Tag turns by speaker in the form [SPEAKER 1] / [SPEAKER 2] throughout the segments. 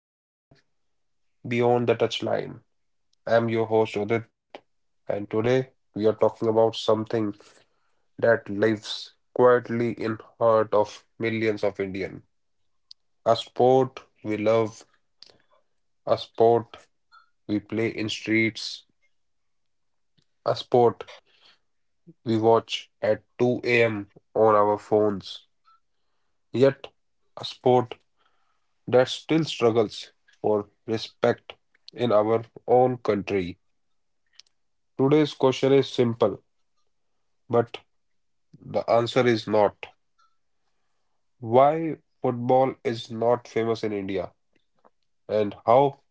[SPEAKER 1] welcome to Beyond the Touchline. I'm your host, Udit, and today we are talking about something that lives quietly in heart of millions of Indian. A sport we love, a sport we play in streets, a sport we watch at 2 a.m. on our phones. Yet, a sport that still struggles for respect in our own country. Today's question is simple, but the answer is not. Why football is not famous in India and how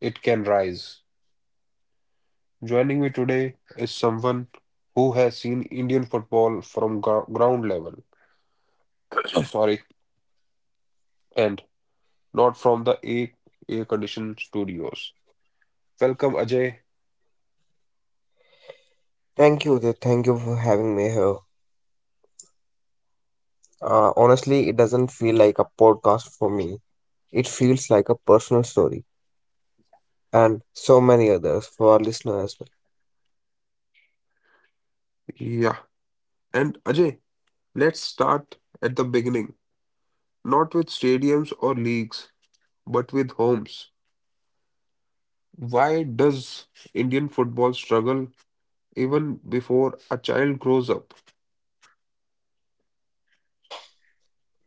[SPEAKER 1] it can rise. Joining me today is someone who has seen Indian football from ground level, sorry, and not from the air, air conditioned studios. Welcome, Ajay.
[SPEAKER 2] Thank you, Udit. Thank you for having me here. Honestly, it doesn't feel like a podcast for me. It feels like a personal story, and so many others for our listeners as well.
[SPEAKER 1] Yeah, and Ajay, let's start at the beginning, not with stadiums or leagues, but with homes. Why does Indian football struggle even before a child grows up?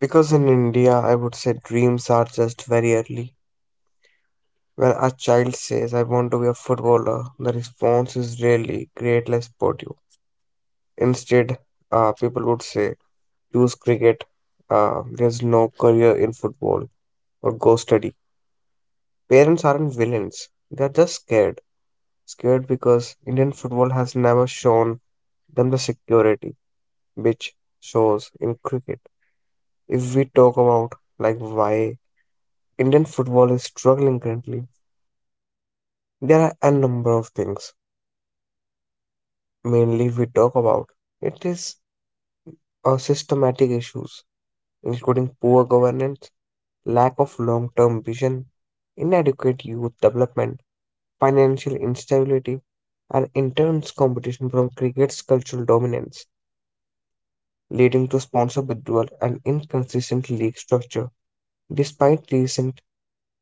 [SPEAKER 2] Because in India, I would say dreams are just very early. When a child says, I want to be a footballer, the response is rarely, great, let's support you. Instead, people would say, choose cricket, there's no career in football, or go study. Parents aren't villains, they're just scared. Scared because Indian football has never shown them the security which shows in cricket. If we talk about like why Indian football is struggling currently, there are a number of things. Mainly we talk about it is our systematic issues, including poor governance, lack of long-term vision, inadequate youth development, financial instability, and intense competition from cricket's cultural dominance, leading to sponsor withdrawal and inconsistent league structure. Despite recent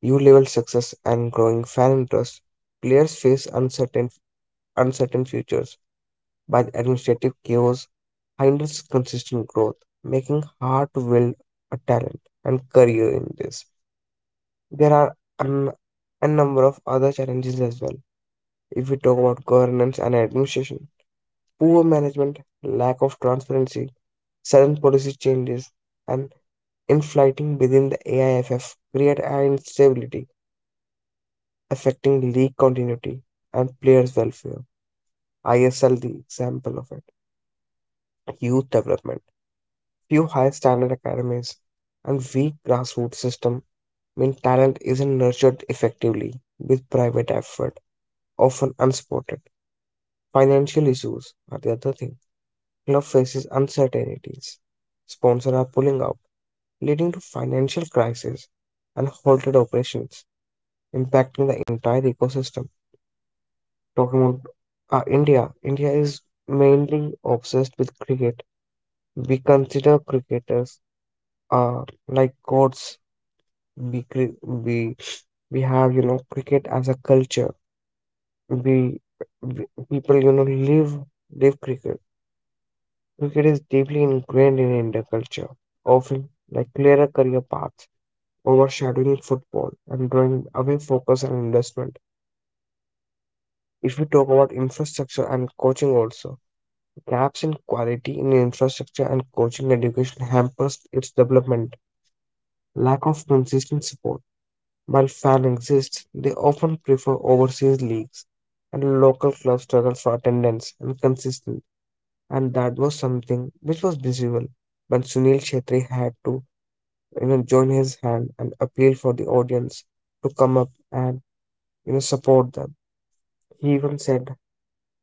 [SPEAKER 2] U level success and growing fan interest, players face uncertain futures by the administrative chaos hinders consistent growth, making hard to build a talent and career in this. There are an, a number of other challenges as well. If we talk about governance and administration, poor management, lack of transparency, sudden policy changes, and inflating within the AIFF create an instability affecting league continuity and players' welfare. ISL the example of it. Youth development, few high standard academies, and weak grassroots system mean talent isn't nurtured effectively with private effort, often unsupported. Financial issues are the other thing. Club faces uncertainties. Sponsors are pulling out, leading to financial crisis and halted operations, impacting the entire ecosystem. Talking about India, is mainly obsessed with cricket. We consider cricketers like gods. We, cre- we have you know cricket as a culture. We, we people you know live cricket. Cricket is deeply ingrained in Indian culture, offering like clearer career paths, overshadowing football and drawing away focus and investment. If we talk about infrastructure and coaching also, gaps in quality in infrastructure and coaching education hampers its development. Lack of consistent support. While fan exists, they often prefer overseas leagues and local clubs struggle for attendance and consistency. And that was something which was visible when Sunil Shetty had to you know join his hand and appeal for the audience to come up and you know support them. He even said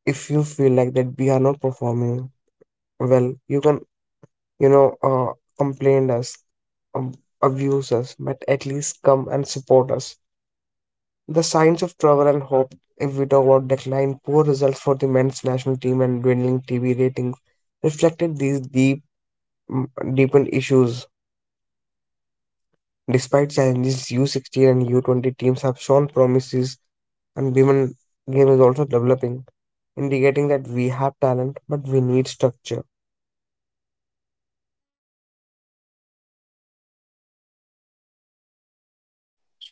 [SPEAKER 2] if you feel like that we are not performing well you can you know complain us, um, abuse us, but at least come and support us. The signs of trouble and hope, if we talk about decline, poor results for the men's national team and dwindling tv ratings reflected these mm, deepened issues. Despite challenges, U16 and U20 teams have shown promises, and women game is also developing, indicating that we have talent, but we need structure.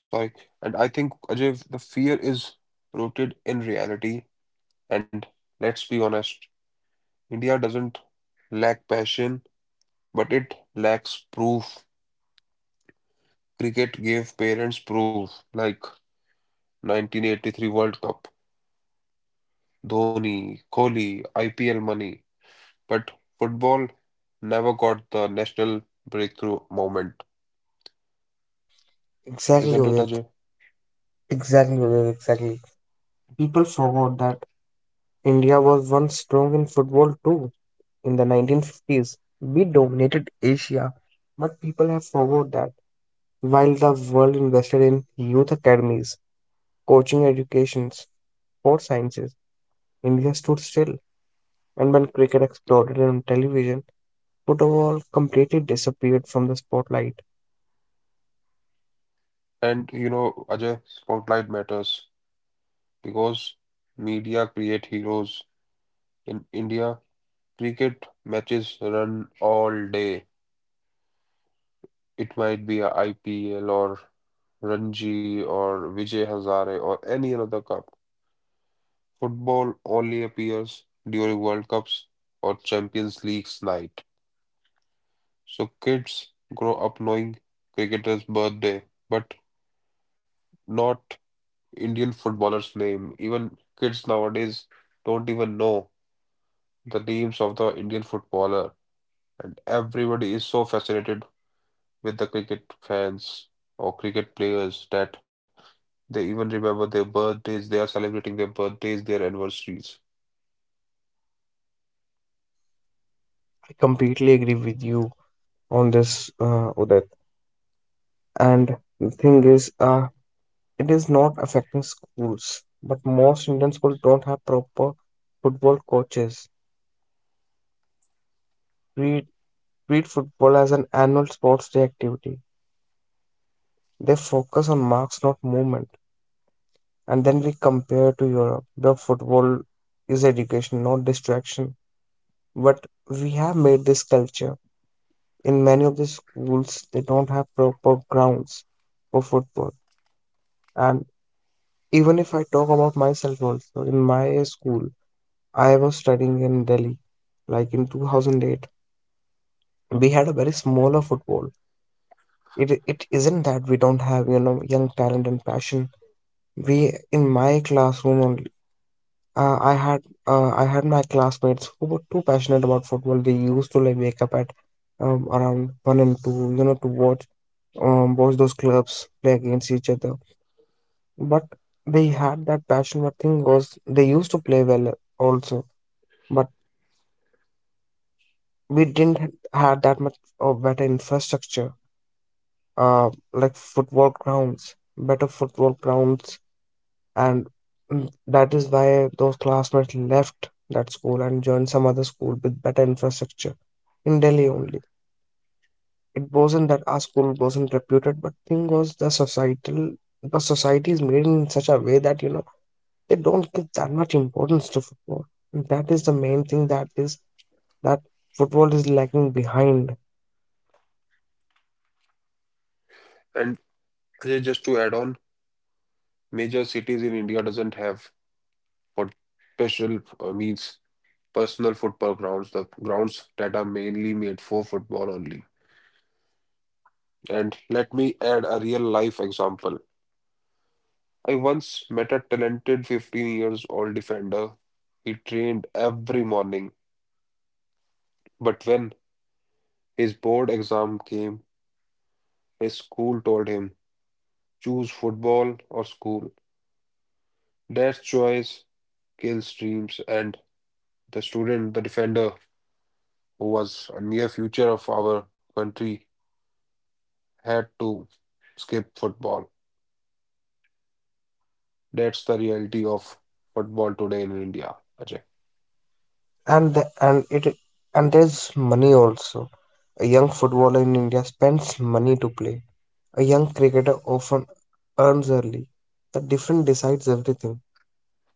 [SPEAKER 1] Sorry. And I think, Ajay, the fear is rooted in reality. And let's be honest, India doesn't lack passion, but it lacks proof. Cricket gave parents proof, like 1983 World Cup, Dhoni, Kohli, IPL money. But football never got the national breakthrough moment.
[SPEAKER 2] Exactly,
[SPEAKER 1] Isn't it,
[SPEAKER 2] Udit.
[SPEAKER 1] Ajay?
[SPEAKER 2] Exactly, Udit. Exactly. People forgot that India was once strong in football too. In the 1950s, we dominated Asia, but people have forgot that while the world invested in youth academies, coaching educations, sports sciences, India stood still. And when cricket exploded on television, football completely disappeared from the spotlight.
[SPEAKER 1] And you know, Ajay, spotlight matters because media create heroes. In India, cricket matches run all day. It might be a IPL or Ranji or Vijay Hazare or any other cup. Football only appears during World Cups or Champions League's night. So kids grow up knowing cricketer's birthday, but not Indian footballer's name. Even kids nowadays don't even know the names of the Indian footballer, and everybody is so fascinated with the cricket fans or cricket players that they even remember their birthdays, they are celebrating their birthdays, their anniversaries.
[SPEAKER 2] I completely agree with you on this, Udit. And the thing is, it is not affecting schools, but most Indian schools don't have proper football coaches. Treat, treat football as an annual sports day activity. They focus on marks, not movement. And then we compare to Europe, where football is education, not distraction. But we have made this culture. In many of the schools, they don't have proper grounds for football. And even if I talk about myself also, in my school, I was studying in Delhi, like in 2008. We had a very smaller football. It isn't that we don't have you know young talent and passion. We in my classroom only. I had my classmates who were too passionate about football. They used to like wake up at around one and two, you know, to watch those clubs play against each other. But they had that passion. But thing was, they used to play well also. But we didn't had that much of better infrastructure, like football grounds, better football grounds and that is why those classmates left that school and joined some other school with better infrastructure in Delhi only. It wasn't that our school wasn't reputed, but thing was the society is made in such a way that you know they don't give that much importance to football. That is the main thing that is that football is lagging behind.
[SPEAKER 1] And Ajay, just to add on, major cities in India doesn't have what special means personal football grounds, the grounds that are mainly made for football only. And let me add a real life example. I once met a talented 15 years old defender. He trained every morning, but when his board exam came, his school told him, choose football or school. That choice kills dreams, and the student, the defender, who was a near future of our country, had to skip football. That's the reality of football today in India, Ajay.
[SPEAKER 2] and the, and it and there's money also. A young footballer in India spends money to play. A young cricketer often earns early. The difference decides everything.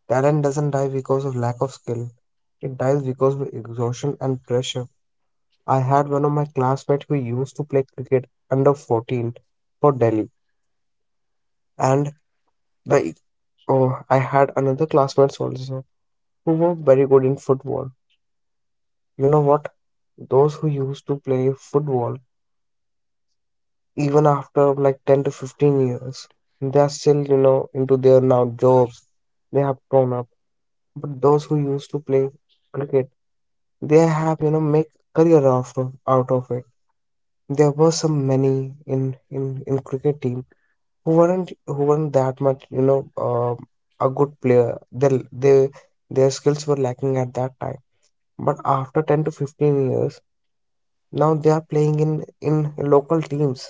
[SPEAKER 2] Talent doesn't die because of lack of skill. It dies because of exhaustion and pressure. I had one of my classmates who used to play cricket under 14 for Delhi, and the oh, I had another classmates also who were very good in football. You know what? Those who used to play football even after like 10 to 15 years they are still you know into their now jobs, they have grown up, but those who used to play cricket they have you know make career out out of it. There were some many in cricket team who weren't that much you know a good player their they, their skills were lacking at that time but after 10 to 15 years now they are playing in local teams.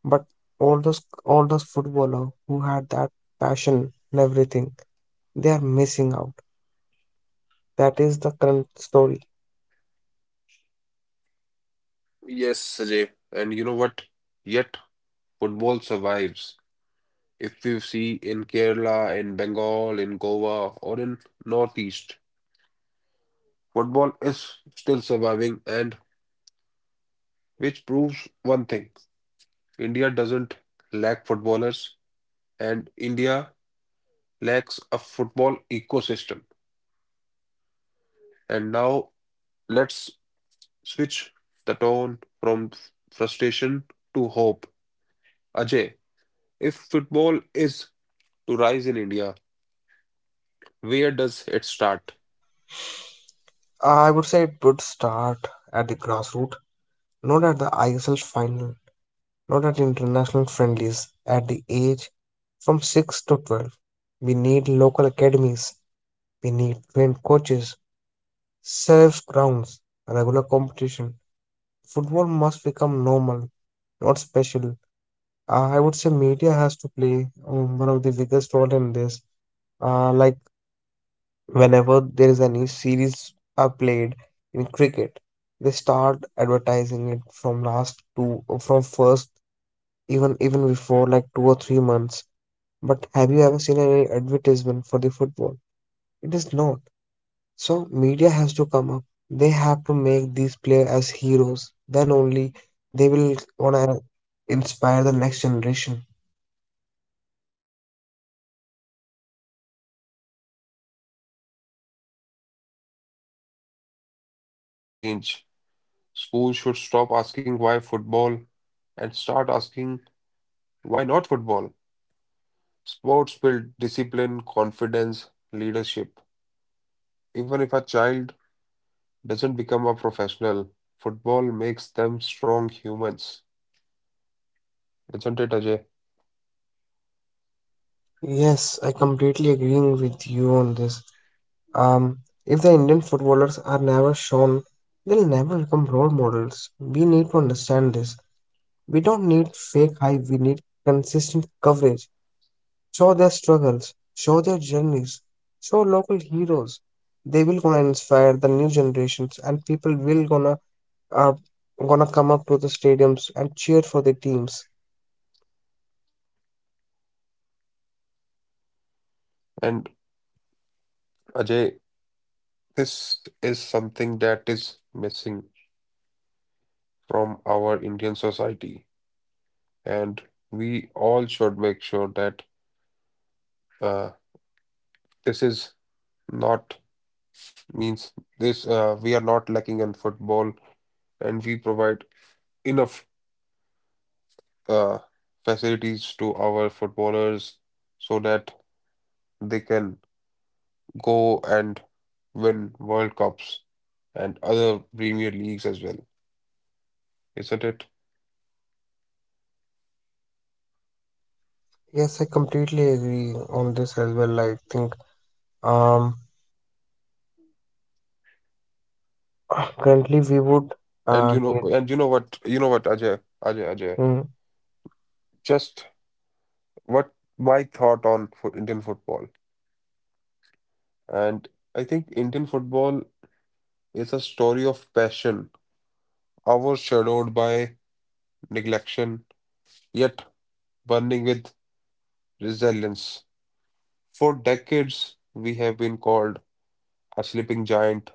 [SPEAKER 2] But all those footballer who had that passion and everything, they are missing out. That is the current story.
[SPEAKER 1] Yes, Sajay. And you know what? Yet football survives. If you see in Kerala, in Bengal, in Goa, or in Northeast, football is still surviving, and which proves one thing: India doesn't lack footballers, and India lacks a football ecosystem. And now let's switch the tone from frustration to hope. Ajay, if football is to rise in India, where does it start?
[SPEAKER 2] I would say it would start at the grassroots, not at the ISL final, not at international friendlies, at the age from 6 to 12. We need local academies, we need trained coaches, safe grounds, regular competition. Football must become normal, not special. I would say media has to play one of the biggest role in this. Like whenever there is any series are played in cricket, they start advertising it from last two, from first, even before like 2 or 3 months. But have you ever seen any advertisement for the football? It is not. So media has to come up. They have to make these players as heroes. Then only they will wanna inspire the next generation.
[SPEAKER 1] And schools, and school must change. Schools should stop asking why football and start asking why not football. Sports build discipline, confidence, leadership. Even if a child doesn't become a professional, football makes them strong humans. Isn't it, Ajay?
[SPEAKER 2] Yes, I completely agreeing with you on this. Um, if the Indian footballers are never shown, they'll never become role models. We need to understand this. We don't need fake hype. We need consistent coverage. Show their struggles. Show their journeys. Show local heroes. They will gonna inspire the new generations, and people will uh, gonna come up to the stadiums and cheer for the teams.
[SPEAKER 1] And Ajay, this is something that is missing from our Indian society. And we all should make sure that uh, this is not means this we are not lacking in football and we provide enough uh, facilities to our footballers so that they can go and win World Cups and other Premier Leagues as well, isn't it?
[SPEAKER 2] Yes, I completely agree on this as well. I think. Um, Currently, we would need.
[SPEAKER 1] And you know what, Ajay, Ajay, Ajay,
[SPEAKER 2] Mm,
[SPEAKER 1] just what my thought on fo Indian football. And I think Indian football is a story of passion, hours shadowed by neglection, yet burning with resilience. For decades, we have been called a sleeping giant,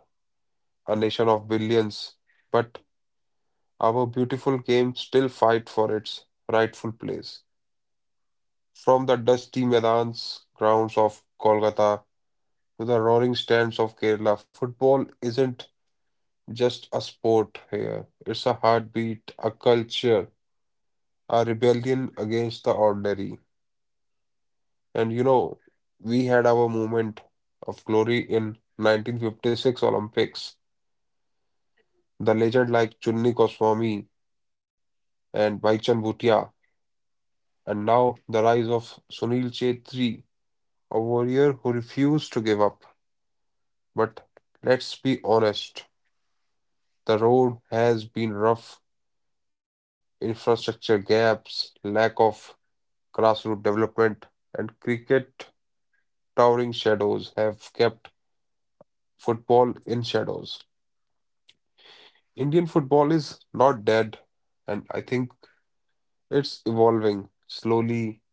[SPEAKER 1] a nation of billions, but our beautiful game still fight for its rightful place. From the dusty Medans grounds of Kolkata to the roaring stands of Kerala, football isn't just a sport here. It's a heartbeat, a culture, a rebellion against the ordinary. And you know, we had our moment of glory in 1956 Olympics. The legend like Chunni Goswami and Bhaichan Bhutia, and now the rise of Sunil Chhetri, a warrior who refused to give up. But let's be honest, the road has been rough. Infrastructure gaps, lack of grassroots development, and cricket towering shadows have kept football in shadows. Indian football is not dead, and I think it's evolving slowly,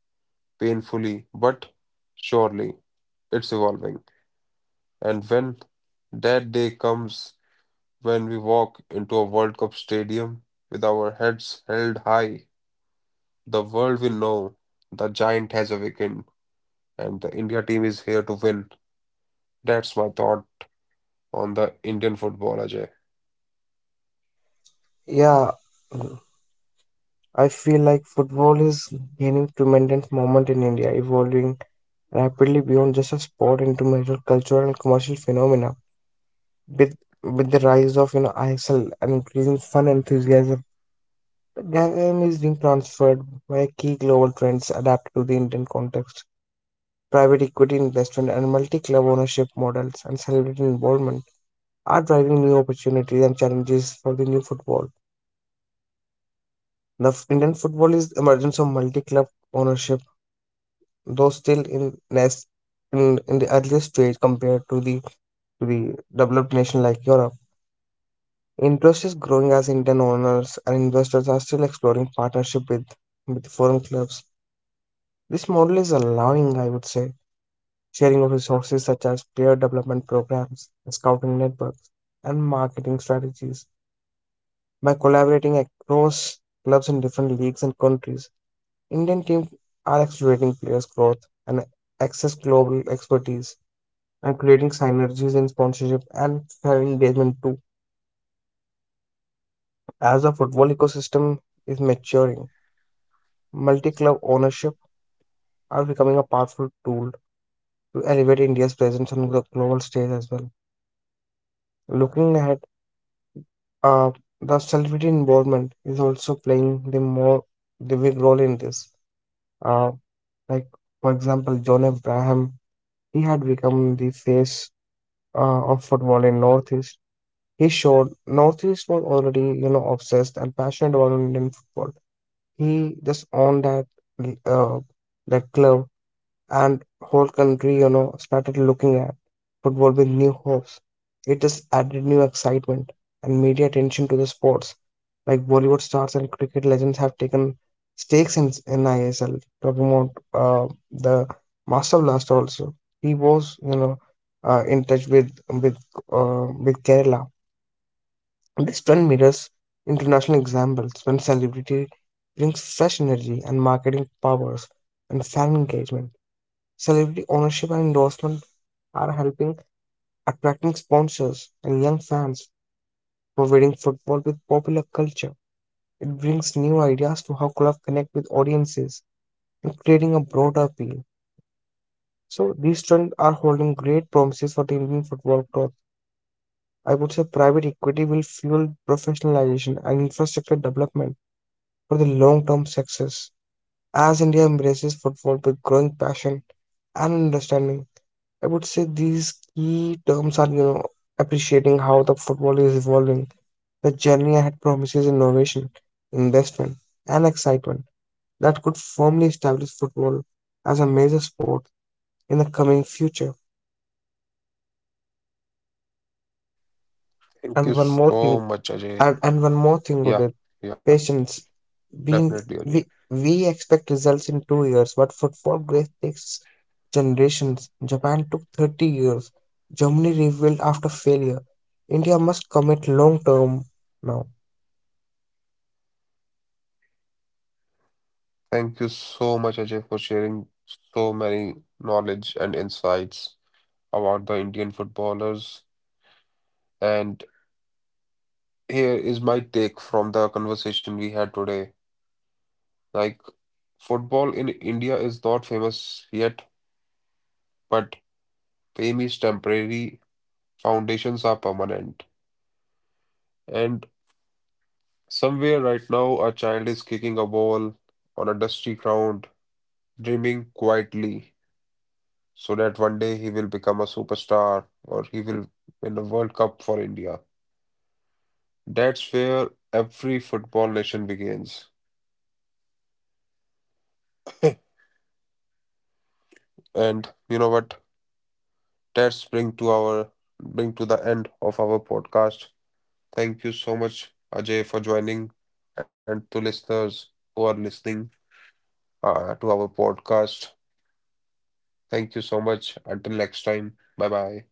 [SPEAKER 1] painfully, but surely it's evolving. And when that day comes, when we walk into a World Cup stadium with our heads held high, the world will know the giant has awakened and the India team is here to win. That's my thought on the Indian football, Ajay.
[SPEAKER 2] yeah, I feel like football is gaining tremendous moment in India, evolving rapidly beyond just a sport into major cultural and commercial phenomena. With with the rise of you know ISL and increasing fun enthusiasm, the game is being transferred by key global trends adapted to the Indian context. Private equity investment and multi-club ownership models and celebrity involvement are driving new opportunities and challenges for the new football. Indian football is the emergence of multi-club ownership, though still in nest in the earliest stage compared to the developed nation like Europe. Interest is growing as Indian owners and investors are still exploring partnership with foreign clubs. This model is allowing, I would say, sharing of resources such as player development programs, scouting networks, and marketing strategies by collaborating across clubs in different leagues and countries. Indian teams are accelerating players' growth and access global expertise and creating synergies in sponsorship and fan engagement too. As the football ecosystem is maturing, multi club ownership are becoming a powerful tool to elevate India's presence on the global stage as well. Looking ahead, uh, the celebrity involvement is also playing the big role in this. Uh, like for example, John Abraham, he had become the face of football in Northeast. He showed Northeast was already, you know, obsessed and passionate about Indian football. He just owned uh, that club and whole country, you know, started looking at football with new hopes. It just added new excitement and media attention to the sports. Like Bollywood stars and cricket legends have taken stakes in ISL. Talking about the Master Blaster also. He was, you know, in touch with Kerala. This trend mirrors international examples when celebrity brings fresh energy and marketing powers and fan engagement. Celebrity ownership and endorsement are helping attracting sponsors and young fans, providing football with popular culture. It brings new ideas to how clubs connect with audiences and creating a broader appeal. So these trends are holding great promises for the Indian football growth. I would say private equity will fuel professionalization and infrastructure development for the long-term success. As India embraces football with growing passion and understanding, I would say these key terms are, you know, appreciating how the football is evolving. The journey ahead promises innovation, investment, and excitement that could firmly establish football as a major sport in the coming future.
[SPEAKER 1] Thank
[SPEAKER 2] And
[SPEAKER 1] you
[SPEAKER 2] one more thing,
[SPEAKER 1] so much, Ajay.
[SPEAKER 2] and one more thing with it,
[SPEAKER 1] Yeah, yeah,
[SPEAKER 2] patience. we,
[SPEAKER 1] definitely, Ajay.
[SPEAKER 2] we we expect results in 2 years, but football grace takes generations. Japan took 30 years. Germany rebuilt after failure. India must commit long term now.
[SPEAKER 1] Thank you so much, Ajay, for sharing so many knowledge and insights about the Indian footballers. And here is my take from the conversation we had today. Like, football in India is not famous yet, but fame is temporary, foundations are permanent. And somewhere right now, a child is kicking a ball on a dusty ground, dreaming quietly, so that one day he will become a superstar or he will win a World Cup for India. That's where every football nation begins. And you know what? That's bring to our bring to the end of our podcast. Thank you so much, Ajay, for joining, and to listeners who are listening to our podcast. Thank you so much. Until next time. Bye bye.